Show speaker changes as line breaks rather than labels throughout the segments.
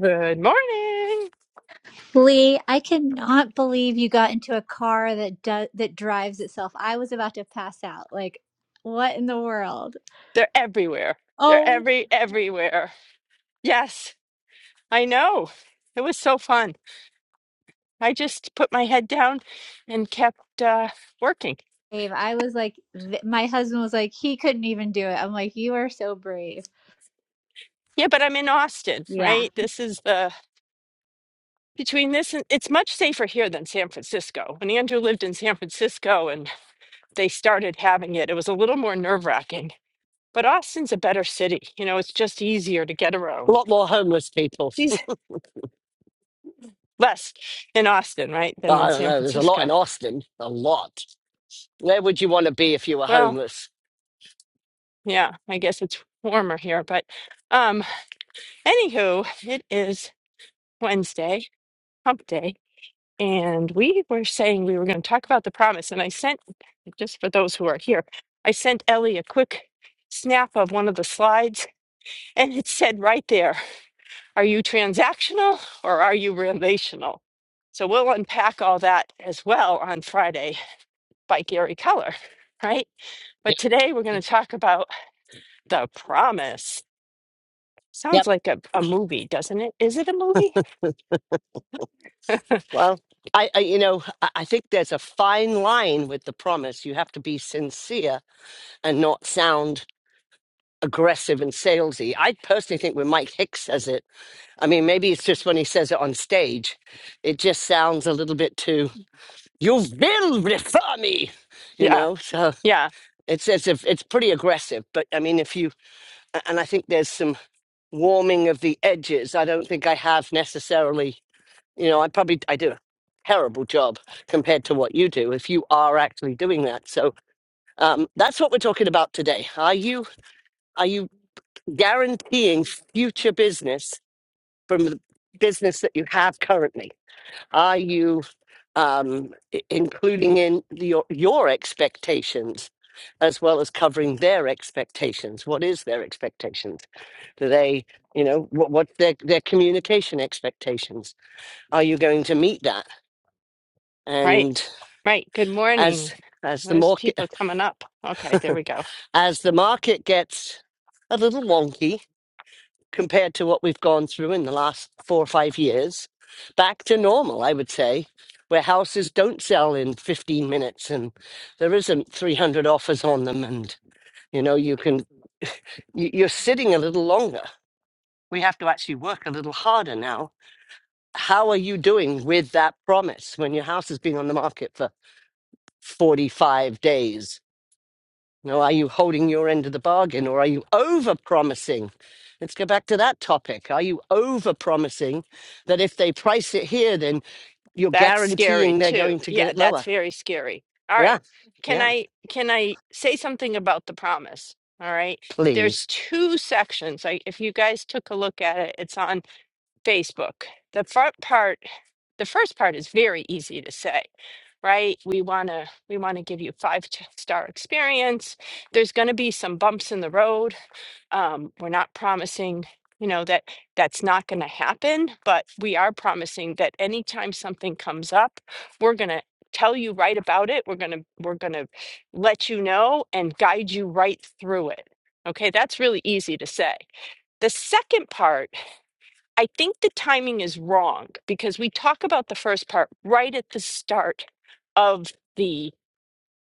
Good morning.
Lee, I cannot believe you got into a car that does that drives itself. I was about to pass out. Like, what in the world?
They're everywhere. They're
Oh,
every everywhere. Yes, I know. It was so fun. I just put my head down and kept uh, working.
Dave, I was like, th- my husband was like, he couldn't even do it. I'm like, you are so brave.
Yeah, but I'm in Austin,
Yeah.
right? This is the between this and it's much safer here than San Francisco. When Andrew lived in San Francisco and they started having it, it was a little more nerve wracking. But Austin's a better city. You know, it's just easier to get
A
around.
lot more homeless people.
She's less in Austin, right, than
Well,
in
I don't
San
know. There's a lot
Francisco.
in Austin. A lot. Where would you want to be if you were
Well.
homeless?
Yeah, I guess it's warmer here, but um anywho, it is Wednesday, hump day, and we were saying we were going to talk about the promise and I sent just for those who are here, I sent Ellie a quick snap of one of the slides and it said right there, are you transactional or are you relational? So we'll unpack all that as well on Friday by Gary Keller, right? But
Yep.
today we're going to talk about the promise Sounds
Yep.
like a, a movie, doesn't it? Is it a movie?
Well, I, I you know, I, I think there's a fine line with the promise. You have to be sincere and not sound aggressive and salesy. I personally think when Mike Hicks says it, I mean, maybe it's just when he says it on stage, it just sounds a little bit too. You will refer me, you
Yeah,
know. So
yeah,
it's as if it's pretty aggressive. But I mean, if you a- and I think there's some warming of the edges i don't think i have necessarily you know i probably i do a terrible job compared to what you do if you are actually doing that so um, that's what we're talking about today are you are you guaranteeing future business from the business that you have currently are you um, i- including in your your expectations as well as covering their expectations what is their expectations do they, you know, what, what's their, their communication expectations? Are you going to meet that?
right,
And
right. Good morning.
as as the
There's
market
people coming up. Okay, there we go.
as the market gets a little wonky compared to what we've gone through in the last four or five years, back to normal, I would say, where houses don't sell in 15 minutes and there isn't 300 offers on them, and you know you can you- you're sitting a little longer. We have to actually work a little harder now how are you doing with that promise when your house has been on the market for 45 days? You know, are you holding your end of the bargain or are you over promising? Let's go back to that topic. Are you over promising that if they price it here, then you're
That's scary
guaranteeing they're
too.
going to get
Yeah,
it
that's
lower?
very scary. All
Yeah.
right. Can
Yeah.
I can I say something about the promise? All right. There's
Please.
two sections. Like if you guys took a look at it, it's on Facebook. The front part the first part is very easy to say right we want to we want to give you five t- star experience there's going to be some bumps in the road um, we're not promising you know that that's not going to happen but we are promising that anytime something comes up we're going to tell you right about it we're going to we're going to let you know and guide you right through it okay that's really easy to say the second part I think the timing is wrong because we talk about the first part right at the start of the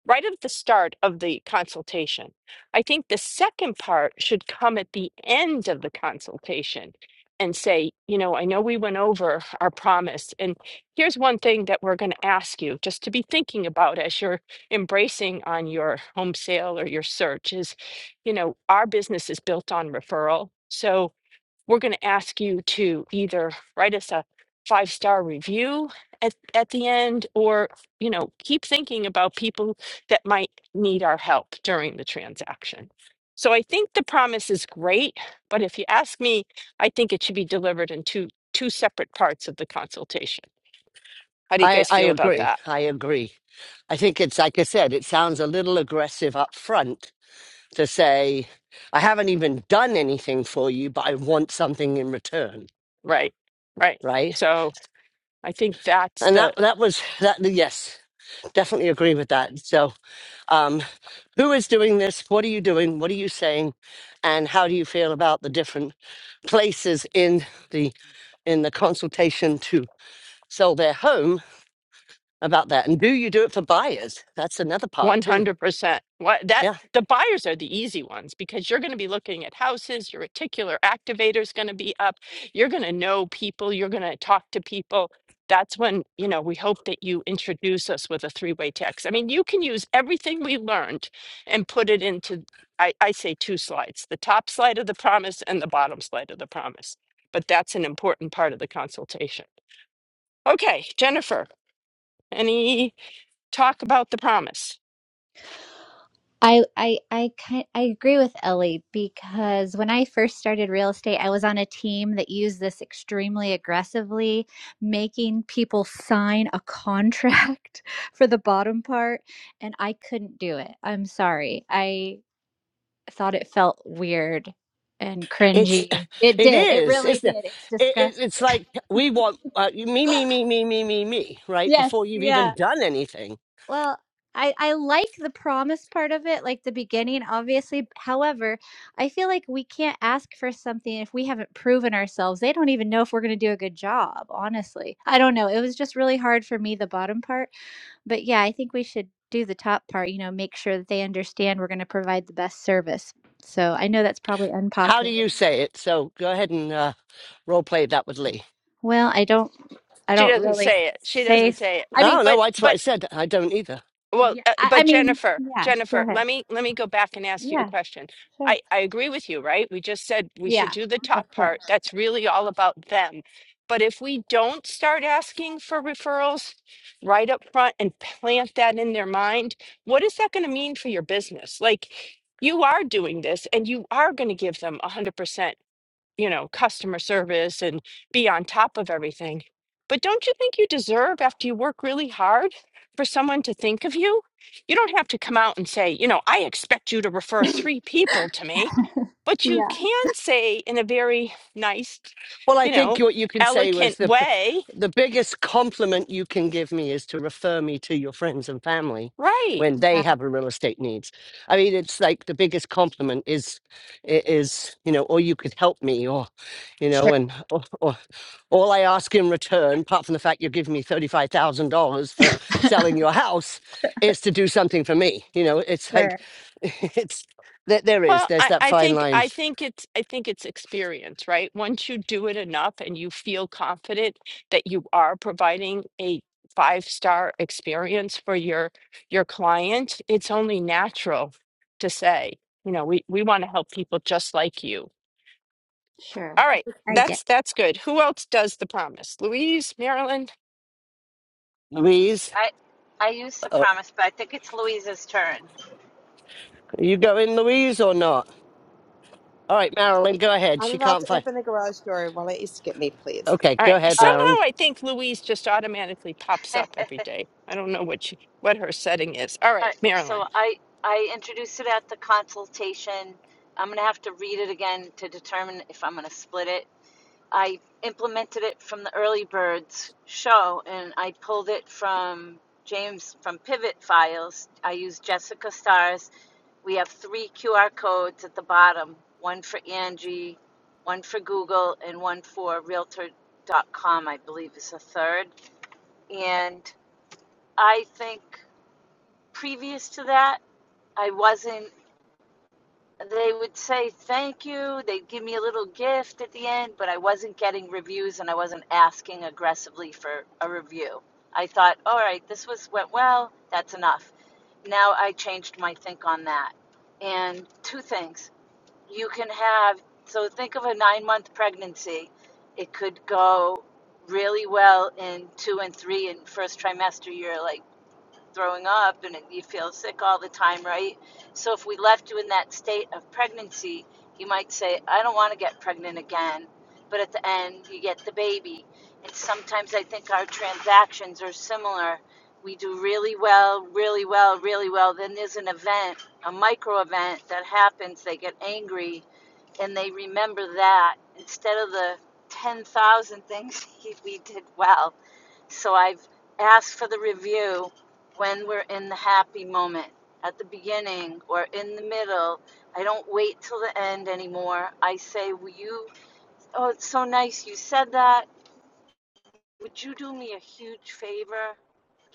right at the start of the consultation. I think the second part should come at the end of the consultation and say, you know, I know we went over our promise and here's one thing that we're going to ask you just to be thinking about as you're embracing on your home sale or your search is, you know, our business is built on referral. So, we're going to ask you to either write us a five star review at, at the end or you know keep thinking about people that might need our help during the transaction so i think the promise is great but if you ask me i think it should be delivered in two two separate parts of the consultation how do you
I,
guys
I
feel about
agree.
that
I agree. I think it's like I said, it sounds a little aggressive up front to say, I haven't even done anything for you, but I want something in return,
right right
right?
so i think that's
And that
the
that was that. Yes, definitely agree with that. So, um, who is doing this? What are you doing? What are you saying? And how do you feel about the different places in the in the consultation to sell their home about that? And do you do it for buyers? That's another part too.
100%. What that
Yeah.
the buyers are the easy ones because you're going to be looking at houses, your reticular activator is going to be up. You're going to know people, you're going to talk to people. That's when, you know, we hope that you introduce us with a three-way text. I mean, you can use everything we learned and put it into I, I say two slides, the top slide of the promise and the bottom slide of the promise. But that's an important part of the consultation. Okay, Jennifer, any talk about the promise?
I I I kind I agree with Ellie because when I first started real estate, I was on a team that used this extremely aggressively, making people sign a contract for the bottom part, and I couldn't do it. I'm sorry. I thought it felt weird and
It's
cringy. It
it
did. It
is,
really
isn't it?
did. It's
it, it it's
disgusting.
like we want uh, me, me, me, me, me, me, me, right?
yes.
Before you've
Yeah.
even done anything.
Well, I I like the promise part of it, like the beginning, obviously. However, I feel like we can't ask for something if we haven't proven ourselves. They don't even know if we're going to do a good job, honestly. I don't know. It was just really hard for me the bottom part, but yeah, I think we should do the top part, you know, make sure that they understand we're going to provide the best service. So, I know that's probably
How do
unpopular.
you say it? So go ahead and uh, role play that with Lee.
Well, I don't I
She
don't
doesn't
really
say it. She
say
doesn't
s-
say it.
I
I mean,
don't
But
know. That's what I
but
said. I don't either.
well,
yeah,
uh,
I, I
but
mean,
Jennifer,
yeah, go
Jennifer,
ahead.
let me let me go back and ask you a
Yeah,
question.
sure.
I I agree with you, right? We just said we should
Yeah,
do the
of
top
course.
part. That's really all about them. But if we don't start asking for referrals right up front and plant that in their mind, what is that going to mean for your business? Like you are doing this and you are going to give them 100% you know, customer service and be on top of everything. But don't you think you deserve, after you work really hard, for someone to think of you? You don't have to come out and say, you know, I expect you to refer three people to me, but you
Yeah,
can say in a very nice,
Well, I
you
think
know,
what you can say was
elegant
the
way,
the biggest compliment you can give me is to refer me to your friends and family
right?
when they
Yeah,
have a real estate needs. I mean, it's like the biggest compliment is i- is you know, or you could help me, or you know,
sure,
and or, or all I ask in return, apart from the fact you're giving me thirty five thousand dollars for selling your house, is to do something for me. You know, it's like
sure,
it's there. There is
Well,
there's
I,
that
I
fine
think
line,
I think it's I think it's experience, right? Once you do it enough and you feel confident that you are providing a five-star experience for your your client, it's only natural to say, you know, we, we want to help people just like you.
sure.
All right,
I get.
that's that's good. Who else does the promise? Louise, Marilyn?
Louise.
I I used the
uh,
promise, but I think it's Louisa's turn.
Are you going, Louise, or not? All right, Marilyn, go ahead.
I'm
She
about
can't
to
find.
open the garage door. Will it you skip me, please?
Okay,
All
go
right.
ahead,
Oh, all
Marilyn.
Somehow I think Louise just automatically pops up every day. I don't know what she, what her setting is. All right,
right.
Marilyn.
so I I introduced it at the consultation. I'm gonna have to read it again to determine if I'm gonna split it. I implemented it from the early birds show, and I pulled it from James from Pivot Files. I used Jessica Stars. We have three QR codes at the bottom: one for Angie, one for Google, and one for Realtor. dot com. I believe is a third And I think previous to that, I wasn't, they would say thank you. They'd give me a little gift at the end, but I wasn't getting reviews and I wasn't asking aggressively for a review. I thought, all right, this was went well, that's enough. Now I changed my think on that. And two things. You can have, so think of a nine month pregnancy. It could go really well in two and three and first trimester. You're like, throwing up and you feel sick all the time, right? So if we left you in that state of pregnancy, you might say, I don't want to get pregnant again. But at the end, you get the baby. And sometimes I think our transactions are similar. We do really well, really well, really well. Then there's an event, a micro event that happens. They get angry and they remember that instead of the 10,000 things we did well so I've asked for the review when we're in the happy moment, at the beginning or in the middle. I don't wait till the end anymore. I say, Will you? Oh, it's so nice you said that. Would you do me a huge favor?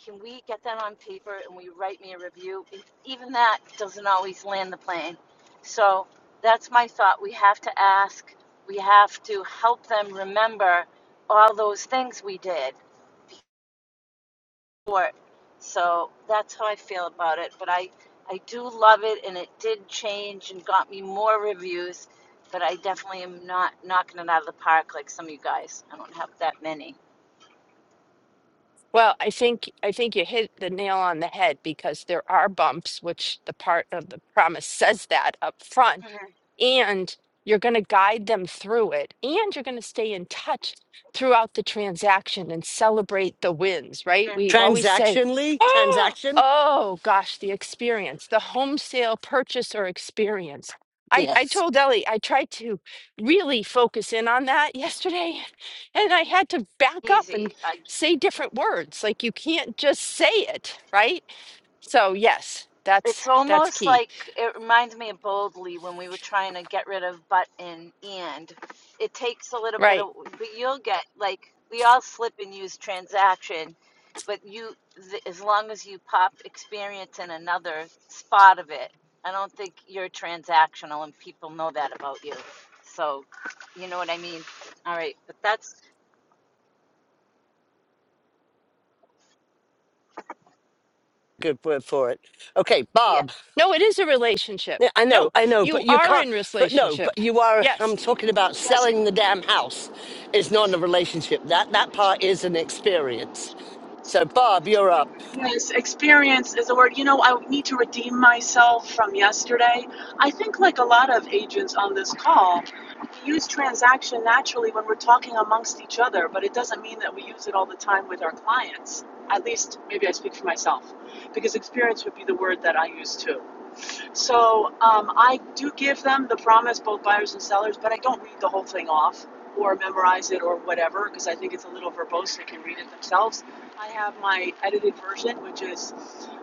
Can we get that on paper and will you write me a review? Even that doesn't always land the plane. So that's my thought. We have to ask, we have to help them remember all those things we did sport. So that's how I feel about it. But I, I do love it, and it did change and got me more reviews. But I definitely am not knocking it out of the park like some of you guys. I don't have that many.
Well, I think I think you hit the nail on the head because there are bumps, which the part of the promise says that up front and you're going to guide them through it and you're going to stay in touch throughout the transaction and celebrate the wins right we always say
Transactionally?
oh
Transaction?
oh gosh the experience the home sale purchase or experience I, I
Yes.
told Ellie I tried to really focus in on that yesterday, and I had to back up
Easy.
and
I
say different words. Like you can't just say it, right? So yes, that's
It's
that's
almost
key.
like it reminds me of Boldly when we were trying to get rid of but and and. It takes a little bit
Right.
of, but you'll get like we all slip and use transaction, but you th- as long as you pop experience in another spot of it, I don't think you're transactional and people know that about you. So, you know what I mean? All right, but that's
Good word for it. Okay,
the
Bob.
No, it is a relationship.
Yeah, I know,
No,
I know, but
you
you
are
can't,
in
but no, but
relationship.
you are,
Yes.
I'm talking about
Yes,
selling the damn house is not a relationship. That, that part is an experience. So, Bob, you're up.
yes, experience is a word. You know, I need to redeem myself from yesterday. I think, like a lot of agents on this call, we use transaction naturally when we're talking amongst each other, but it doesn't mean that we use it all the time with our clients. At least, maybe I speak for myself, because experience would be the word that I use too. So um, I do give them the promise, both buyers and sellers, but I don't read the whole thing off or memorize it or whatever because I think it's a little verbose. They can read it themselves. I have my edited version, which is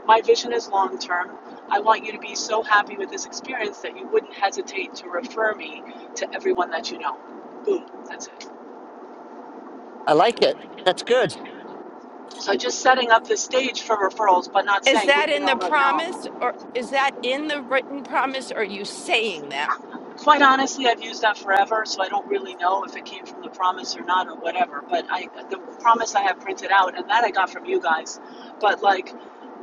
my vision is long term. I want you to be so happy with this experience that you wouldn't hesitate to refer me to everyone that you know. Boom, that's it.
I like it. That's good.
So just setting up the stage for referrals, but not
Is
saying who
that
you
in
know
the
right now. I'm
promise or is that in the written promise? Or are you saying that?
Quite honestly, I've used that forever, so I don't really know if it came from the promise or not or whatever. But I, the promise I have printed out, and that I got from you guys. But like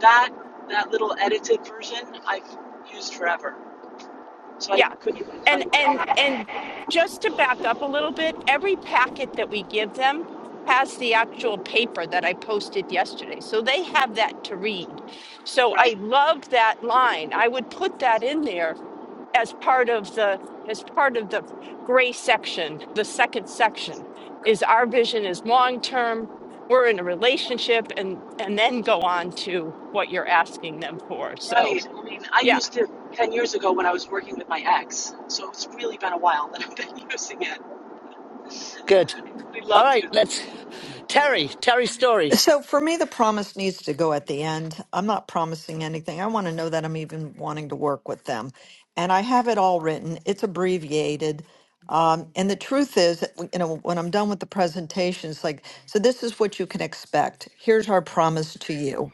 that, that little edited version, I've used forever. So I
Yeah.
couldn't even tell
And
you where I
and
got it
and just to back up a little bit, every packet that we give them has the actual paper that I posted yesterday. So they have that to read. So
went.
I love that line. I would put that in there as part of the as part of the gray section the second section is our vision is long term we're in a
Right,
relationship and and then go on to what you're asking them for so
right. I mean, I
yeah.
used it ten years ago when I was working with my ex. So it's really been a while that I've been using it.
Good.
We
All
loved
right,
you.
let's, Terry, Terry Story.
So for me, the promise needs to go at the end. I'm not promising anything. I want to know that I'm even wanting to work with them. And I have it all written, it's abbreviated. Um, and the truth is, that, you know, when I'm done with the presentation, it's like, so this is what you can expect. Here's our promise to you.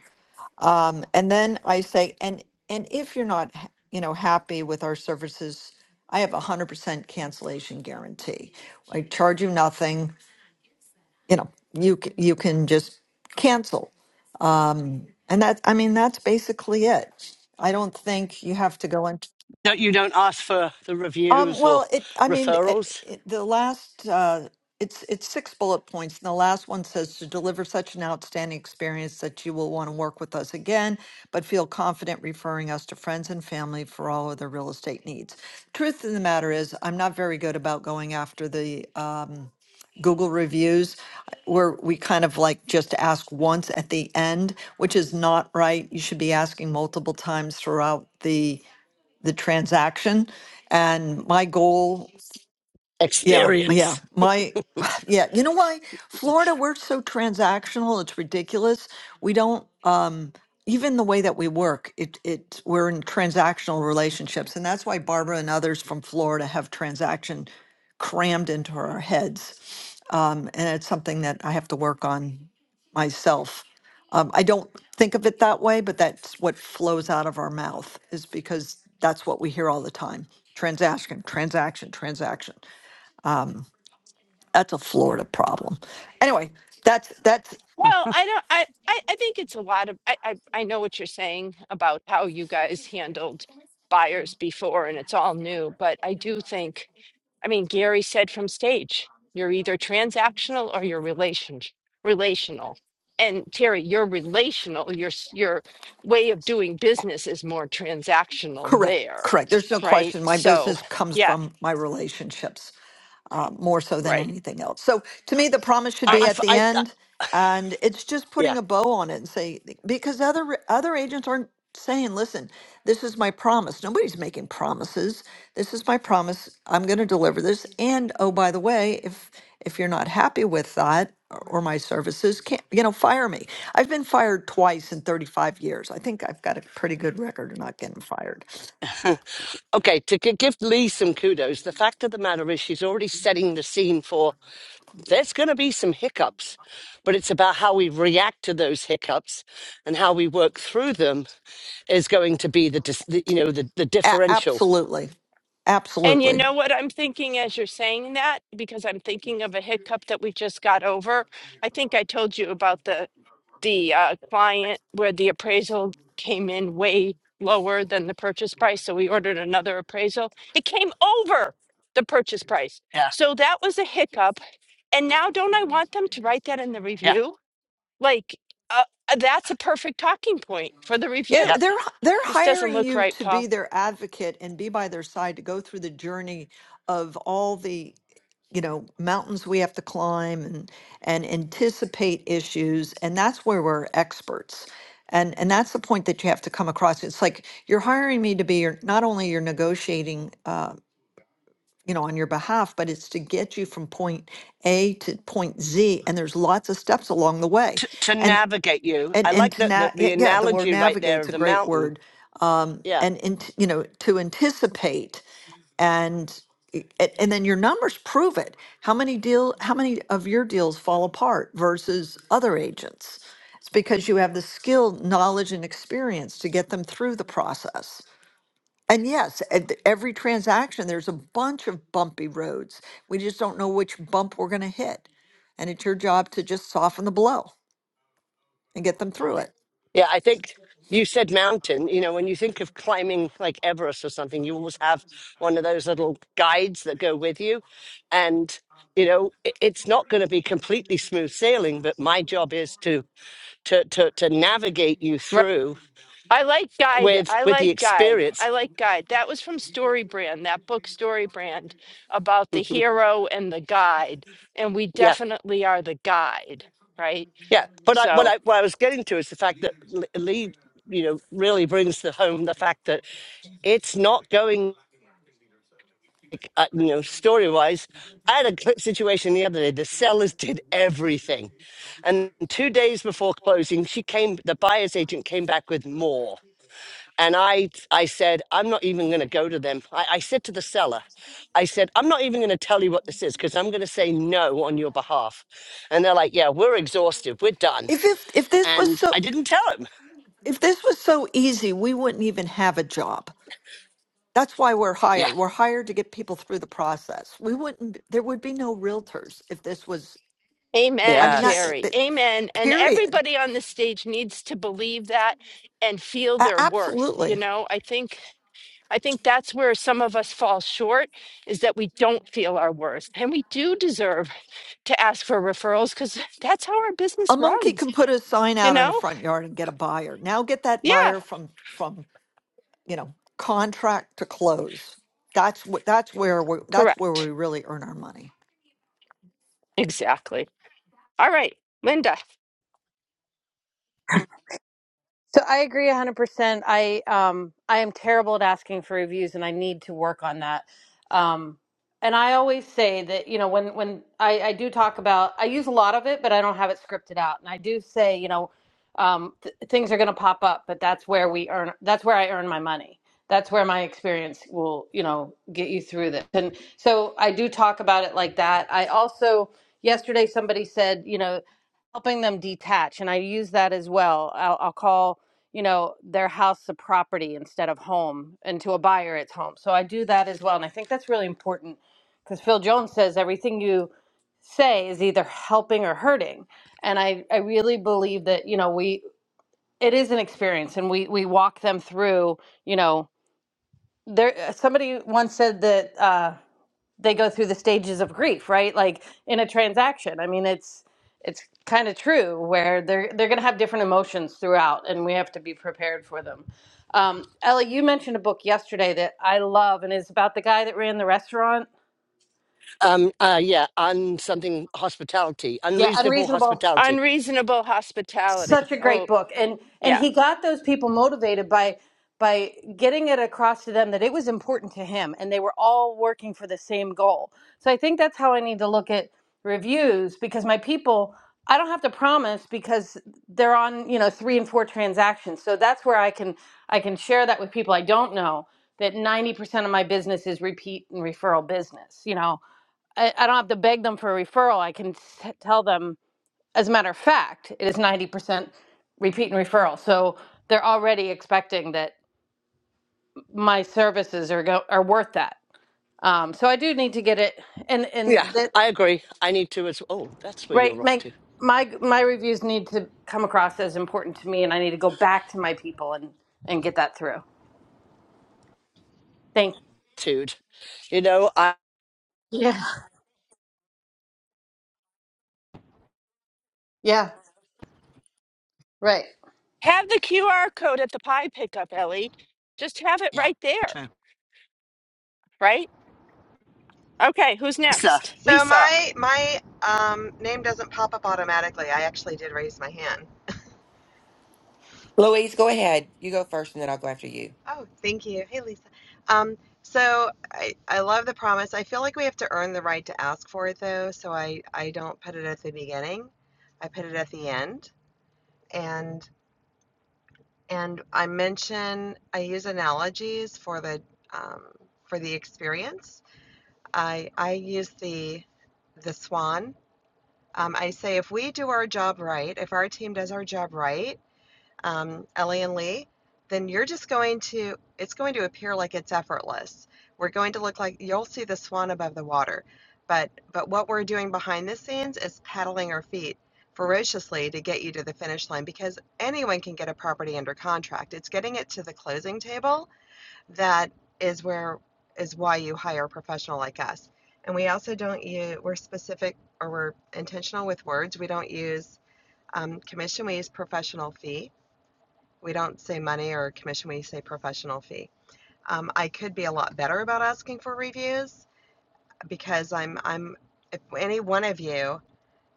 And then I say, and and if you're not, ha- you know, happy with our services, I have a hundred percent cancellation guarantee. I charge you nothing. You know, you c- you can just cancel and that, I mean, that's basically it. I don't think you have to go into.
No, you don't ask for the
Um,
reviews or
well, it, I mean, it,
referrals.
it, the last, uh, it's, it's six bullet points, and the last one says to deliver such an outstanding experience that you will want to work with us again, but feel confident referring us to friends and family for all of their real estate needs. Truth of the matter is, I'm not very good about going after the, um, Google reviews where we kind of like just ask once at the end, which is not right. You should be asking multiple times throughout the the transaction. And my goal, yeah, yeah,
experience.
my yeah, you know why Florida we're so transactional, it's ridiculous. We don't um even the way that we work, it it we're in transactional relationships and that's why Barbara and others from Florida have transaction crammed into our heads um, and it's something that I have to work on myself. Um, I don't think of it that way, but that's what flows out of our mouth is because that's what we hear all the time. Transaction, transaction, transaction. Um, that's a Florida problem. Anyway, that's that's
Well, I don't I, I I think it's a lot of I, I I know what you're saying about how you guys handled buyers before and it's all new, but I do think I mean Gary said from stage, you're either transactional or you're relation relational. And Terry, you're relational, your s- your way of doing business is more transactional
Correct.
there,
Correct. There's no
right?
question. My
So,
business comes
yeah,
from my relationships uh, more so than
right,
anything else. So to me, the promise should
I,
right.
be
I f-
at the
I- I-
end, and it's just putting
yeah.
a bow on it and say because other other agents aren't saying, "Listen, this is my promise." Nobody's making promises. This is my promise. I'm going to deliver this. And oh, by the way, if if you're not happy with that or or my services, can't you know fire me? I've been fired twice in 35 years. I think I've got a pretty good record of not getting fired.
okay, to gi- give Lee some kudos, the fact of the matter is she's already setting the scene for there's going to be some hiccups, but it's about how we react to those hiccups and how we work through them is going to be the, dis- the you know the, the
A-
differential.
absolutely.
And you
Absolutely.
know what I'm thinking as you're saying that? Because I'm thinking of a hiccup that we just got over. I think I told you about the the uh, client where the appraisal came in way lower than the purchase price. So we ordered another appraisal. It came over the purchase price.
Yeah,
So that was a hiccup. And now, don't I want them to write that in the
yeah,
review? Like, uh, that's a perfect talking point for the
Yeah,
yeah.
review.
they're they're
This doesn't
hiring
look
you
right,
to be
Paul.
their advocate and be by their side to go through the journey of all the you know mountains we have to climb and and anticipate issues and that's where we're experts and and that's the point that you have to come across it's like you're hiring me to be your not only your negotiating uh, you know, on your behalf, but it's to get you from point A to point Z, and there's lots of steps along the way.
to, to
And
navigate you.
and
I
and
like
to
that the,
na-
the
yeah, yeah, the word
analogy right there
navigate's
of
a
the
great
mountain.
word. Um,
Yeah.
and in, you know, to anticipate and i- a- and then your numbers prove it. How many deal how many of your deals fall apart versus other agents? It's because you have the skill, knowledge, and experience to get them through the process. And yes, at th- every transaction, there's a bunch of bumpy roads. We just don't know which bump we're going to hit. And it's your job to just soften the blow and get them through it.
Yeah. I think you said mountain. You know, when you think of climbing like Everest or something, you always have one of those little guides that go with you. And, you know, it, it's not going to be completely smooth sailing, but my job is to, to, to, to navigate you through
I like Guide.
with,
I
with the
like Guide.
experience.
I like Guide. That was from Story Brand, that book Story Brand about the hero and the guide. And we
yeah.
definitely are the guide, right?
Yeah. But I, what
So,
I, what I was getting to is the fact that L- Lee, you know, really brings the home the fact that it's not going like, uh, you know story wise i had a cl- situation the other day the sellers did everything and two days before closing she came the buyer's agent came back with more and i i said i'm not even going to go to them I, I said to the seller i said i'm not even going to tell you what this is because i'm going to say no on your behalf and they're like yeah we're exhausted we're done
If, if if this was
and
so
i didn't tell him
if this was so easy, we wouldn't even have a job. That's why we're
yeah
hired. We're hired to get people through the process. We wouldn't there would be no realtors if this was I
amen,
mean that,
yes
Terry.
that
Amen. And
period.
everybody on the stage needs to believe that and feel
A-
their worth. You
absolutely.
know, I think I think that's where some of us fall short is that we don't feel our worth. And we do deserve to ask for referrals cuz that's how our
A
business
monkey
runs,
can put a sign
you
out in a
know?
front yard and get a buyer. Now get that
Yeah.
buyer from from you know contract to close. That's what that's where we that's where
Correct.
we really earn our money.
Exactly. All right, Linda.
So I agree 100%. I um I am terrible at asking for reviews and I need to work on that. Um and I always say that, you know, when when I I do talk about I use a lot of it, but I don't have it scripted out. And I do say, you know, um th- things are going to pop up, but that's where we earn that's where I earn my money. That's where my experience will, you know, get you through this. And so I do talk about it like that. I also yesterday somebody said, you know, helping them detach and i use that as well i'll, I'll call you know their house a property instead of home and to a buyer it's home so i do that as well and i think that's really important because phil jones says everything you say is either helping or hurting and i i really believe that you know we it is an experience and we we walk them through you know there somebody once said that Uh, they go through the stages of grief, right? Like in a transaction. I mean, it's it's kind of true where they're they're going to have different emotions throughout, and we have to be prepared for them. Um, Ellie, you mentioned a book yesterday that I love, and it's about the guy that ran the restaurant.
um uh yeah un something hospitality
Yeah,
unreasonable
Unreasonable.
hospitality
Unreasonable hospitality.
such a great
Oh,
book and and
yeah.
he got those people motivated by by getting it across to them that it was important to him and they were all working for the same goal so i think that's how i need to look at reviews because my people i don't have to promise because they're on you know three and four transactions so that's where i can i can share that with people i don't know that 90% of my business is repeat and referral business you know I, I don't have to beg them for a referral. I can s- tell them as a matter of fact, it is 90% repeat and referral. So they're already expecting that my services are go- are worth that. Um, so I do need to get it and
Yeah,
and that
I agree. I need to as oh, that's where you're
right
off
my
to.
my my reviews need to come across as important to me and I need to go back to my people and and get that through. Thank
Dude. You know, I
you. Yeah. Yeah. Right.
Have the QR code at the pie pickup, Ellie. Just have it
yeah,
right there,
true.
right? Okay, who's
Stuff.
next?
So
Lisa.
my my um, name doesn't pop up automatically. I actually did raise my hand.
Louise, go ahead. You go first and then I'll go after you.
Oh, thank you. Hey, Lisa. Um, so I, I love the promise. I feel like we have to earn the right to ask for it though, so I, I don't put it at the beginning. I put it at the end. And and I mention I use analogies for the um, for the experience. I I use the the swan Um, I say if we do our job right, if our team does our job right, um, Ellie and Lee, then you're just going to, it's going to appear like it's effortless. We're going to look like you'll see the swan above the water. But, but what we're doing behind the scenes is paddling our feet ferociously to get you to the finish line because anyone can get a property under contract. It's getting it to the closing table that is where is why you hire a professional like us. And we also don't use we're specific or we're intentional with words. We don't use um, commission. We use professional fee. We don't say money or commission. We say professional fee. Um, I could be a lot better about asking for reviews because I'm I'm if any one of you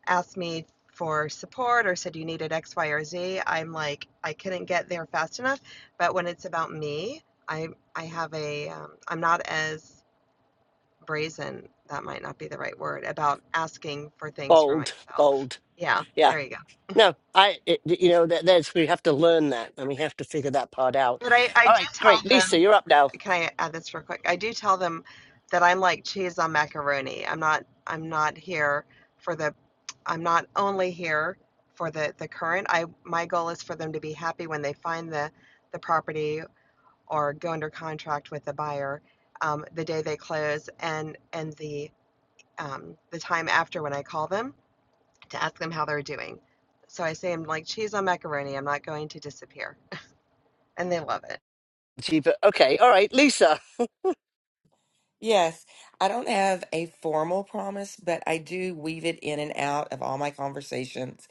asked me for support or said you needed X, Y, or Z, I'm like, I couldn't get there fast enough. But when it's about me, I I have a um, I'm not as brazen. That might not be the right word about asking for things for
Bold,
myself.
bold.
Yeah,
Yeah.
there you go.
No, I it, you know that there's we have to learn that and we have to figure that part out.
But I I
All
did
right,
tell
great.
them
Lisa, you're up now.
can I add this real quick? I do tell them that I'm like cheese on macaroni. I'm not I'm not here for the I'm not only here for the the current. I my goal is for them to be happy when they find the the property or go under contract with the buyer um, the day they close and and the um, the time after when I call them to ask them how they're doing. So I say I'm like cheese on macaroni. I'm not going to disappear, and they love it.
Gee, Okay, all right, Lisa.
Yes, I don't have a formal promise, but I do weave it in and out of all my conversations.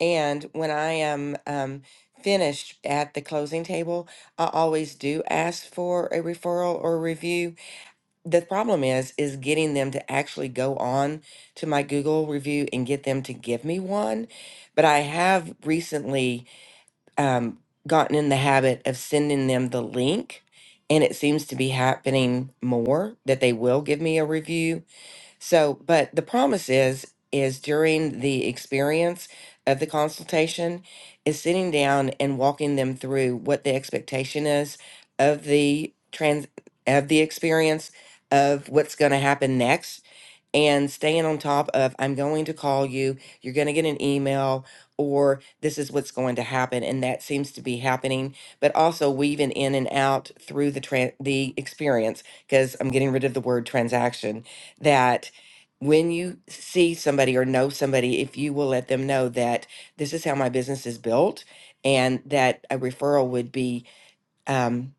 And when I am um, finished at the closing table, I always do ask for a referral or a review. The problem is, is getting them to actually go on to my Google review and get them to give me one. But I have recently um, gotten in the habit of sending them the link, and it seems to be happening more that they will give me a review. So, but the promise is is during the experience of the consultation is sitting down and walking them through what the expectation is of the trans of the experience of what's going to happen next and staying on top of I'm going to call you, you're going to get an email, or this is what's going to happen, and that seems to be happening. But also weaving in and out through the tran the experience because I'm getting rid of the word transaction. That when you see somebody or know somebody, if you will let them know that this is how my business is built, and that a referral would be. Um,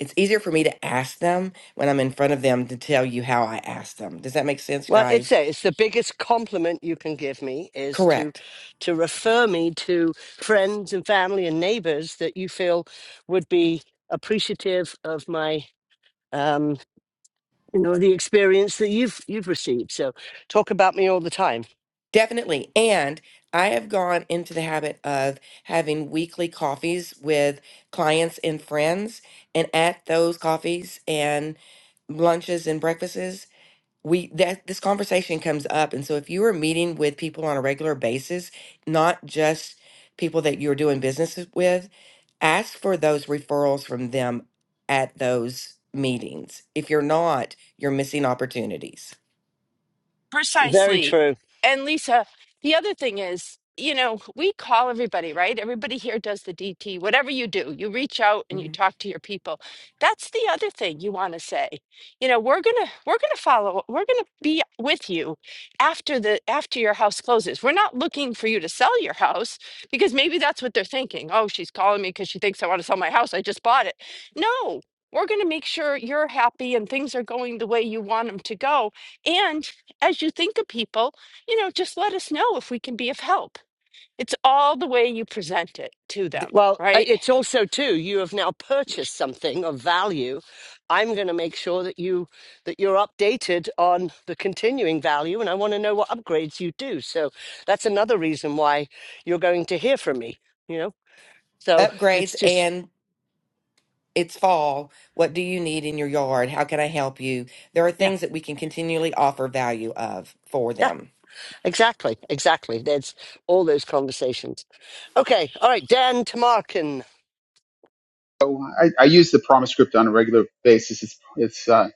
it's easier for me to ask them when I'm in front of them to tell you how I asked them. Does that make sense,
Well,
guys?
it's a, it's the biggest compliment you can give me is to
Correct.
to refer me to friends and family and neighbors that you feel would be appreciative of my um you know the experience that you've you've received so talk about me all the time
Definitely. And I have gone into the habit of having weekly coffees with clients and friends. And at those coffees and lunches and breakfasts, we that this conversation comes up. And so if you are meeting with people on a regular basis, not just people that you're doing business with, ask for those referrals from them at those meetings. If you're not, you're missing opportunities.
very
Precisely.
true
And Lisa, the other thing is, you know, we call everybody, right? Everybody here does the DT. Whatever you do, you reach out and you
Mhm.
talk to your people. That's the other thing you want to say. You know, we're going to we're going to follow. We're going to be with you after the after your house closes. We're not looking for you to sell your house because maybe that's what they're thinking. Oh, she's calling me because she thinks I want to sell my house. I just bought it. No. We're going to make sure you're happy and things are going the way you want them to go. And as you think of people, you know, just let us know if we can be of help. It's all the way you present it to them,
D-
well uh,
right?
it's also too you have now purchased something of value i'm going to make sure that you that you're updated on the continuing value and i want to know what upgrades you do so that's another reason why you're going to hear from me you know so
Upgrades
it's just
and It's fall. What do you need in your yard? How can I help you? There are
yeah
things that we can continually offer value of for
yeah
them.
exactly exactly that's all those conversations okay all right dan tamarkin
So I, I use the promise script on a regular basis. It's, it's uh,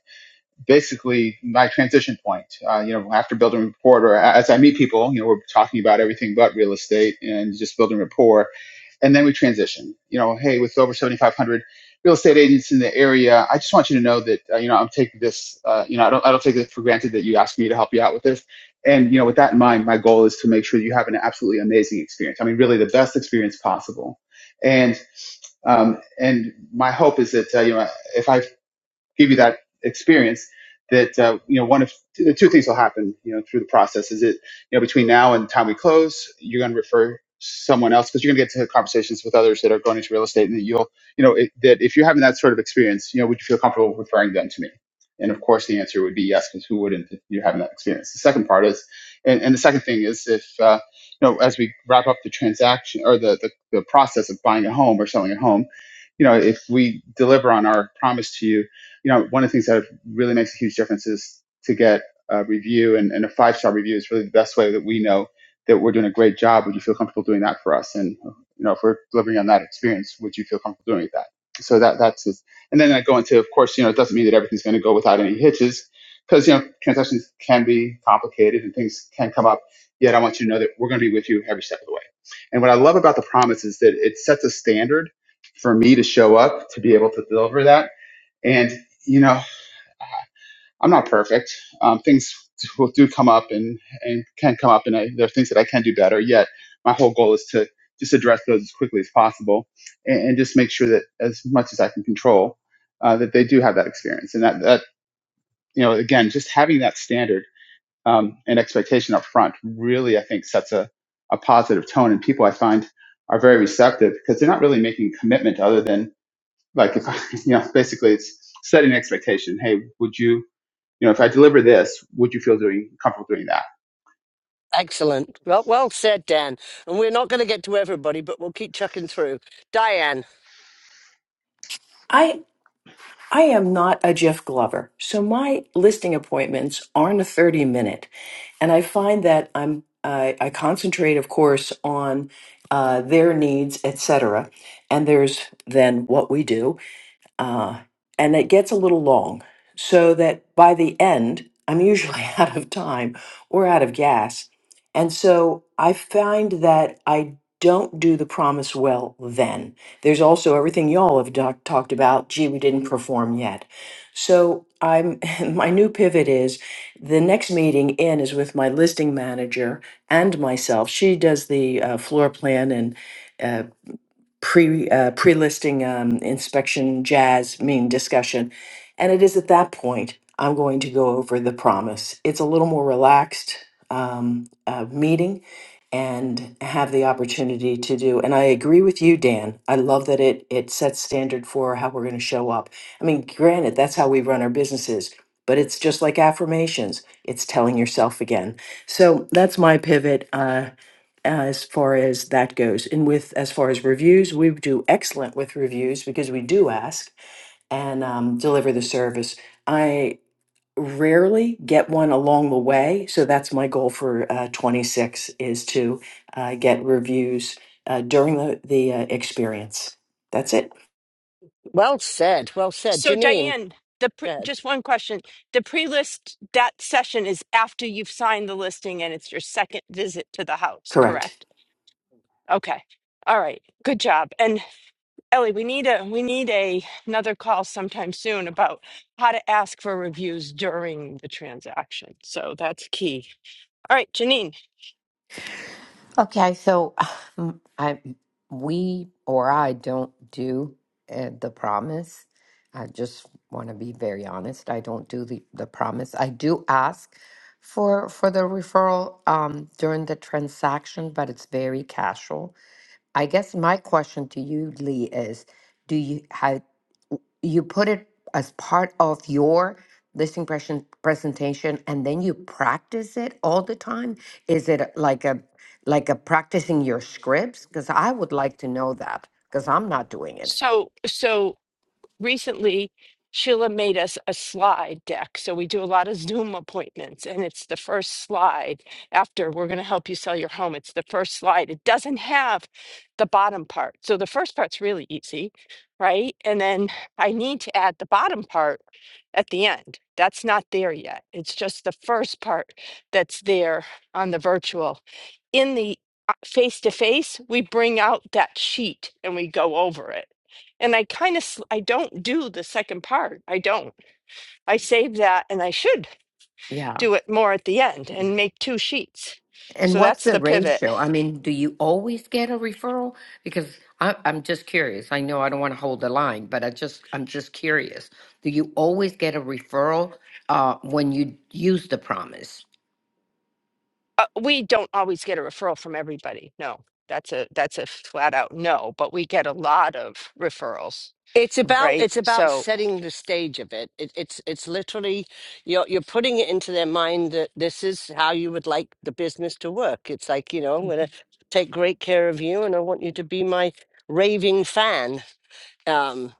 basically my transition point. Uh, you know, after building rapport, or as I meet people, you know, we're talking about everything but real estate and just building rapport, and then we transition. You know, hey, with over 7,500 real estate agents in the area, I just want you to know that uh, you know I'm taking this. Uh, you know, I don't I don't take it for granted that you asked me to help you out with this. And you know, with that in mind, my goal is to make sure you have an absolutely amazing experience. I mean, really the best experience possible. And um, and my hope is that uh, you know if I give you that experience that uh, you know one of two, the two things will happen you know through the process is it you know between now and the time we close you're going to refer someone else because you're going to get to conversations with others that are going into real estate and that you'll you know it, that if you're having that sort of experience you know would you feel comfortable referring them to me and of course the answer would be yes because who wouldn't if you're having that experience the second part is and, and the second thing is if uh, you know as we wrap up the transaction or the, the the process of buying a home or selling a home you know if we deliver on our promise to you you know, one of the things that really makes a huge difference is to get a review and, and a five star review is really the best way that we know that we're doing a great job. Would you feel comfortable doing that for us? And you know, if we're delivering on that experience, would you feel comfortable doing that? So that that's it. And then I go into, of course, you know, it doesn't mean that everything's going to go without any hitches because you know transactions can be complicated and things can come up. Yet I want you to know that we're going to be with you every step of the way. And what I love about the promise is that it sets a standard for me to show up to be able to deliver that and you know, I'm not perfect. Um, things will do come up and and can come up, and I, there are things that I can do better. Yet, my whole goal is to just address those as quickly as possible, and, and just make sure that as much as I can control, uh, that they do have that experience, and that that you know, again, just having that standard um, and expectation up front really, I think, sets a a positive tone, and people I find are very receptive because they're not really making a commitment other than like if I, you know, basically it's setting an expectation. Hey, would you? You know, if I deliver this, would you feel doing comfortable doing that?
Excellent. Well, well said, Dan. And we're not going to get to everybody, but we'll keep chucking through. Diane,
I I am not a Jeff Glover, so my listing appointments aren't a thirty minute, and I find that I'm I, I concentrate, of course, on uh, their needs, etc. And there's then what we do, uh, and it gets a little long so that by the end i'm usually out of time or out of gas and so i find that i don't do the promise well then there's also everything y'all have doc- talked about gee we didn't perform yet so i'm my new pivot is the next meeting in is with my listing manager and myself she does the uh, floor plan and uh, pre uh, pre listing um, inspection jazz mean discussion, and it is at that point I'm going to go over the promise. It's a little more relaxed um, uh, meeting, and have the opportunity to do. And I agree with you, Dan. I love that it it sets standard for how we're going to show up. I mean, granted, that's how we run our businesses. But it's just like affirmations. It's telling yourself again. So that's my pivot. Uh, as far as that goes. And with as far as reviews, we do excellent with reviews because we do ask and um, deliver the service. I rarely get one along the way, so that's my goal for uh, 26 is to uh, get reviews uh, during the the uh, experience. That's it.
well said. Well said.
So,
Janine,
Diane, the
go
pre-
ahead.
just one question: the pre-list that session is after you've signed the listing, and it's your second visit to the house,
Correct.
correct? Okay, all right, good job. And Ellie, we need a we need a another call sometime soon about how to ask for reviews during the transaction. So that's key. All right, Janine.
Okay, so um, I we or I don't do uh, the promise. I just want to be very honest. I don't do the, the promise. I do ask for for the referral um, during the transaction, but it's very casual. I guess my question to you, Lee, is: Do you have you put it as part of your listing presen- presentation and then you practice it all the time is it uh, like a like a practicing your scripts because i would like to know that because i'm not doing it
So so recently Sheila made us a slide deck. So we do a lot of Zoom appointments, and it's the first slide after we're going to help you sell your home. It's the first slide. It doesn't have the bottom part. So the first part's really easy, right? And then I need to add the bottom part at the end. That's not there yet. It's just the first part that's there on the virtual. In the face to face, we bring out that sheet and we go over it and I kind of I don't do the second part. I don't. I save that and I should
yeah
do it more at the end and make two sheets.
And
So
what's
that's
the
the pivot.
ratio? I mean, do you always get a referral? Because I, I'm just curious. I know I don't want to hold the line, but I just I'm just curious. Do you always get a referral uh, when you use the promise?
Uh, we don't always get a referral from everybody. No. That's a that's a flat out no, but we get a lot of referrals,
It's about
right?
it's about
So
setting the stage of it. it it's it's literally you're you're putting it into their mind that this is how you would like the business to work. It's like you know I'm going to
Mhm.
take great care of you, and I want you to be my raving fan. Um,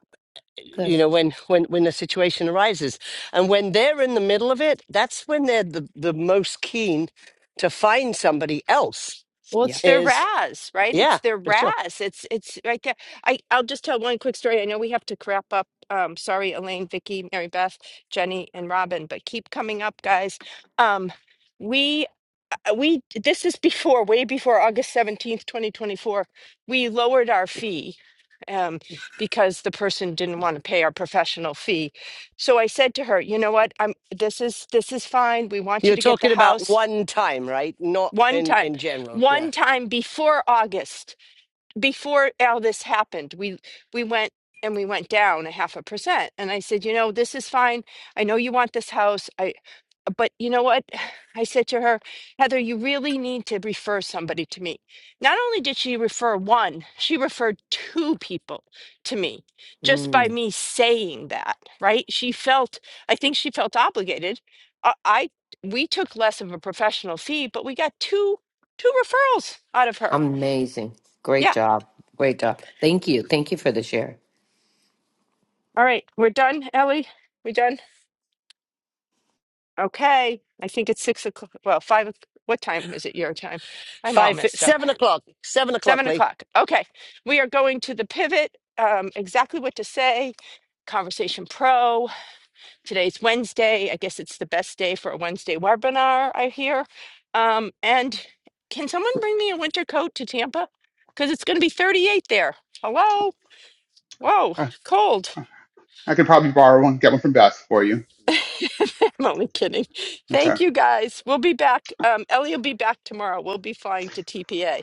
you
Good.
know when when when the situation arises and when they're in the middle of it that's when they're the, the most keen to find somebody else
Well,
Yeah.
it's their
is
Raz, right?
yeah
It's their
for sure
Raz. It's it's right there. I I'll just tell one quick story. I know we have to wrap up. Um, sorry, Elaine, Vicky, Mary Beth, Jenny, and Robin, but keep coming up, guys. Um, we uh, we this is before, way before August seventeenth, twenty twenty four. We lowered our fee um because the person didn't want to pay our professional fee so i said to her you know what i'm this is this is fine we want
you're
you to get the
talking about
house
one time right not
one
in
time,
in general yeah
one time before August, before all this happened, we we went and we went down a half a percent. And I said, you know, this is fine. I know you want this house. But you know what? I said to her, Heather, you really need to refer somebody to me. Not only did she refer one, she referred two people to me just by
Mm,
me saying that, right? She felt, I think she felt obligated. I, I we took less of a professional fee, but we got two two referrals out of her.
amazing. Great
Yeah.
job. Great job. Thank you. Thank you for the share.
All right. We're done, Ellie. We done? Okay. I think it's six o'clock. Well, five. o'c- What time is it your time? I'm all
five fi-
messed up.
seven o'clock seven o'clock
Seven
lee
o'clock. Okay. We are going to the pivot. Um, exactly what to say. Conversation Pro. Today's Wednesday. I guess it's the best day for a Wednesday webinar, I hear. Um, and can someone bring me a winter coat to Tampa? Because it's going to be 38 there. Hello? Whoa,
Huh.
cold.
I could probably borrow one, get one from Beth for you.
I'm only kidding.
Okay.
Thank you guys. We'll be back. Um, Ellie will be back tomorrow. We'll be flying to TPA.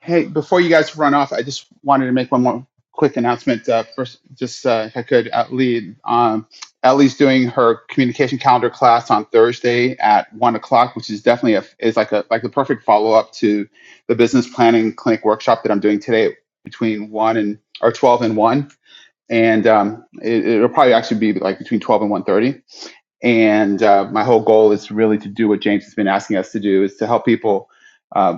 Hey, before you guys run off, I just wanted to make one more quick announcement. Uh, first, just uh, if I could, at lead. Um, Ellie's doing her communication calendar class on Thursday at one o'clock, which is definitely a, is like a like the perfect follow up to the business planning clinic workshop that I'm doing today between one and or twelve and one, and um, it, it'll probably actually be like between twelve and one thirty And uh, my whole goal is really to do what James has been asking us to do is to help people uh,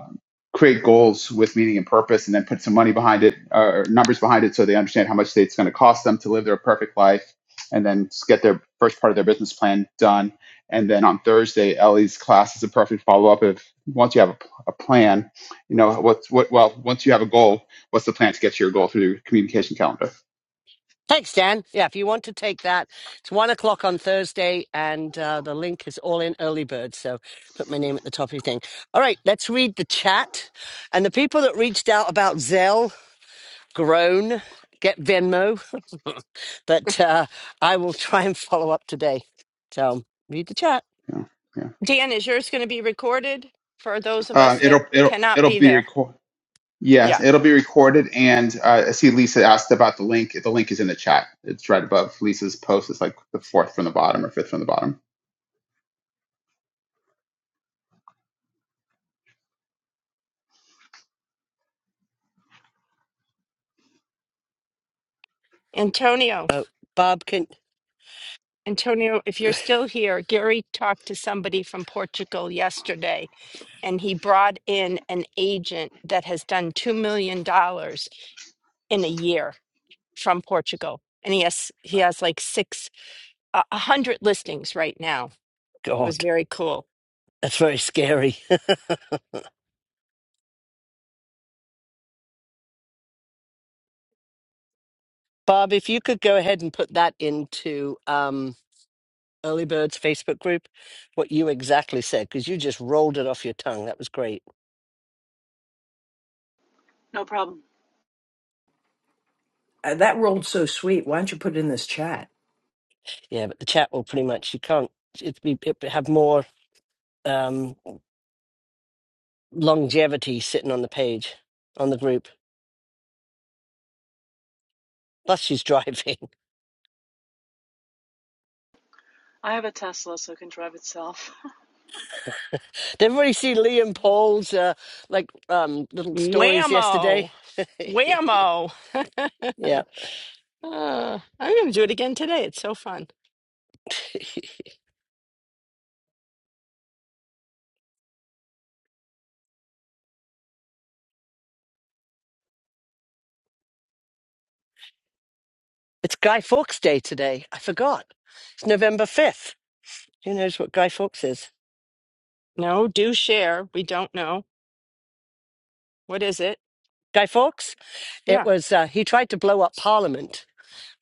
create goals with meaning and purpose and then put some money behind it uh, or numbers behind it so they understand how much it's going to cost them to live their perfect life and then s- get their first part of their business plan done. And then on Thursday, Ellie's class is a perfect follow up. If once you have a, p- a plan, you know, what's what, well, once you have a goal, what's the plan to get to your goal through your communication calendar?
thanks dan yeah if you want to take that it's one o'clock on thursday and uh, the link is all in early bird so put my name at the top of your thing all right let's read the chat and the people that reached out about zell Grown, get Venmo. But uh, I will try and follow up today. So read the chat.
You know, yeah.
Dan, is yours going to be recorded for those of
Uh,
us that
it'll, it'll,
cannot
it'll
be
be
there?
recorded
Yeah.
Yes, it'll be recorded. And uh, I see Lisa asked about the link. The link is in the chat. It's right above Lisa's post. It's like the fourth from the bottom or fifth from the bottom.
Antonio,
Oh, Bob can.
Antonio, if you're still here, Gary talked to somebody from Portugal yesterday and he brought in an agent that has done $2 million dollars in a year from Portugal. And he has, he has like six, a a hundred listings right now. It was
God,
very cool.
that's very scary. Bob, if you could go ahead and put that into um, Early Birds Facebook group, what you exactly said, because you just rolled it off your tongue. That was great.
No problem.
Uh, that rolled so sweet. Why don't you put it in this chat?
Yeah, but the chat will pretty much you can't it be it have more um longevity sitting on the page on the group. Plus she's driving.
I have a Tesla, so it can drive itself.
Did everybody see Liam Paul's uh like um little stories yesterday?
Whammo. Whammo.
yeah.
Uh, I'm going to do it again today. It's so fun.
It's Guy Fawkes Day today. I forgot. It's November fifth. Who knows what Guy Fawkes is?
No, do share. We don't know. What is it?
Guy Fawkes?
Yeah.
It was uh he tried to blow up Parliament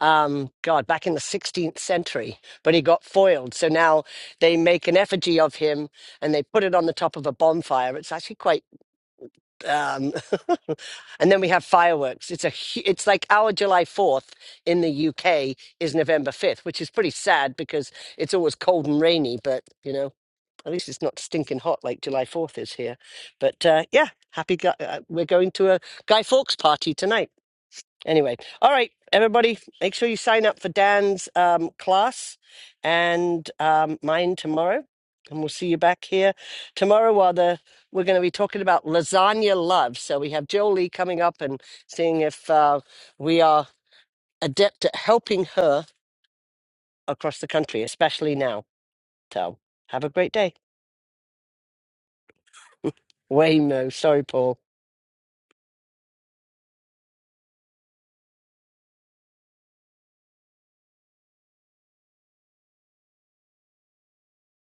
um, God, back in the 16th century, but he got foiled. So now they make an effigy of him and they put it on the top of a bonfire. It's actually quite, um, and then we have fireworks. It's a, hu- it's like our July 4th in the UK is November 5th, which is pretty sad because it's always cold and rainy, but you know, at least it's not stinking hot like July 4th is here. But uh, yeah, happy, gu- uh, we're going to a Guy Fawkes party tonight. Anyway, all right, everybody, make sure you sign up for Dan's um, class and um, mine tomorrow. And we'll see you back here tomorrow. While the, we're going to be talking about lasagna love. So we have Jolie coming up and seeing if uh, we are adept at helping her across the country, especially now. So have a great day. Waymo. Sorry, Paul.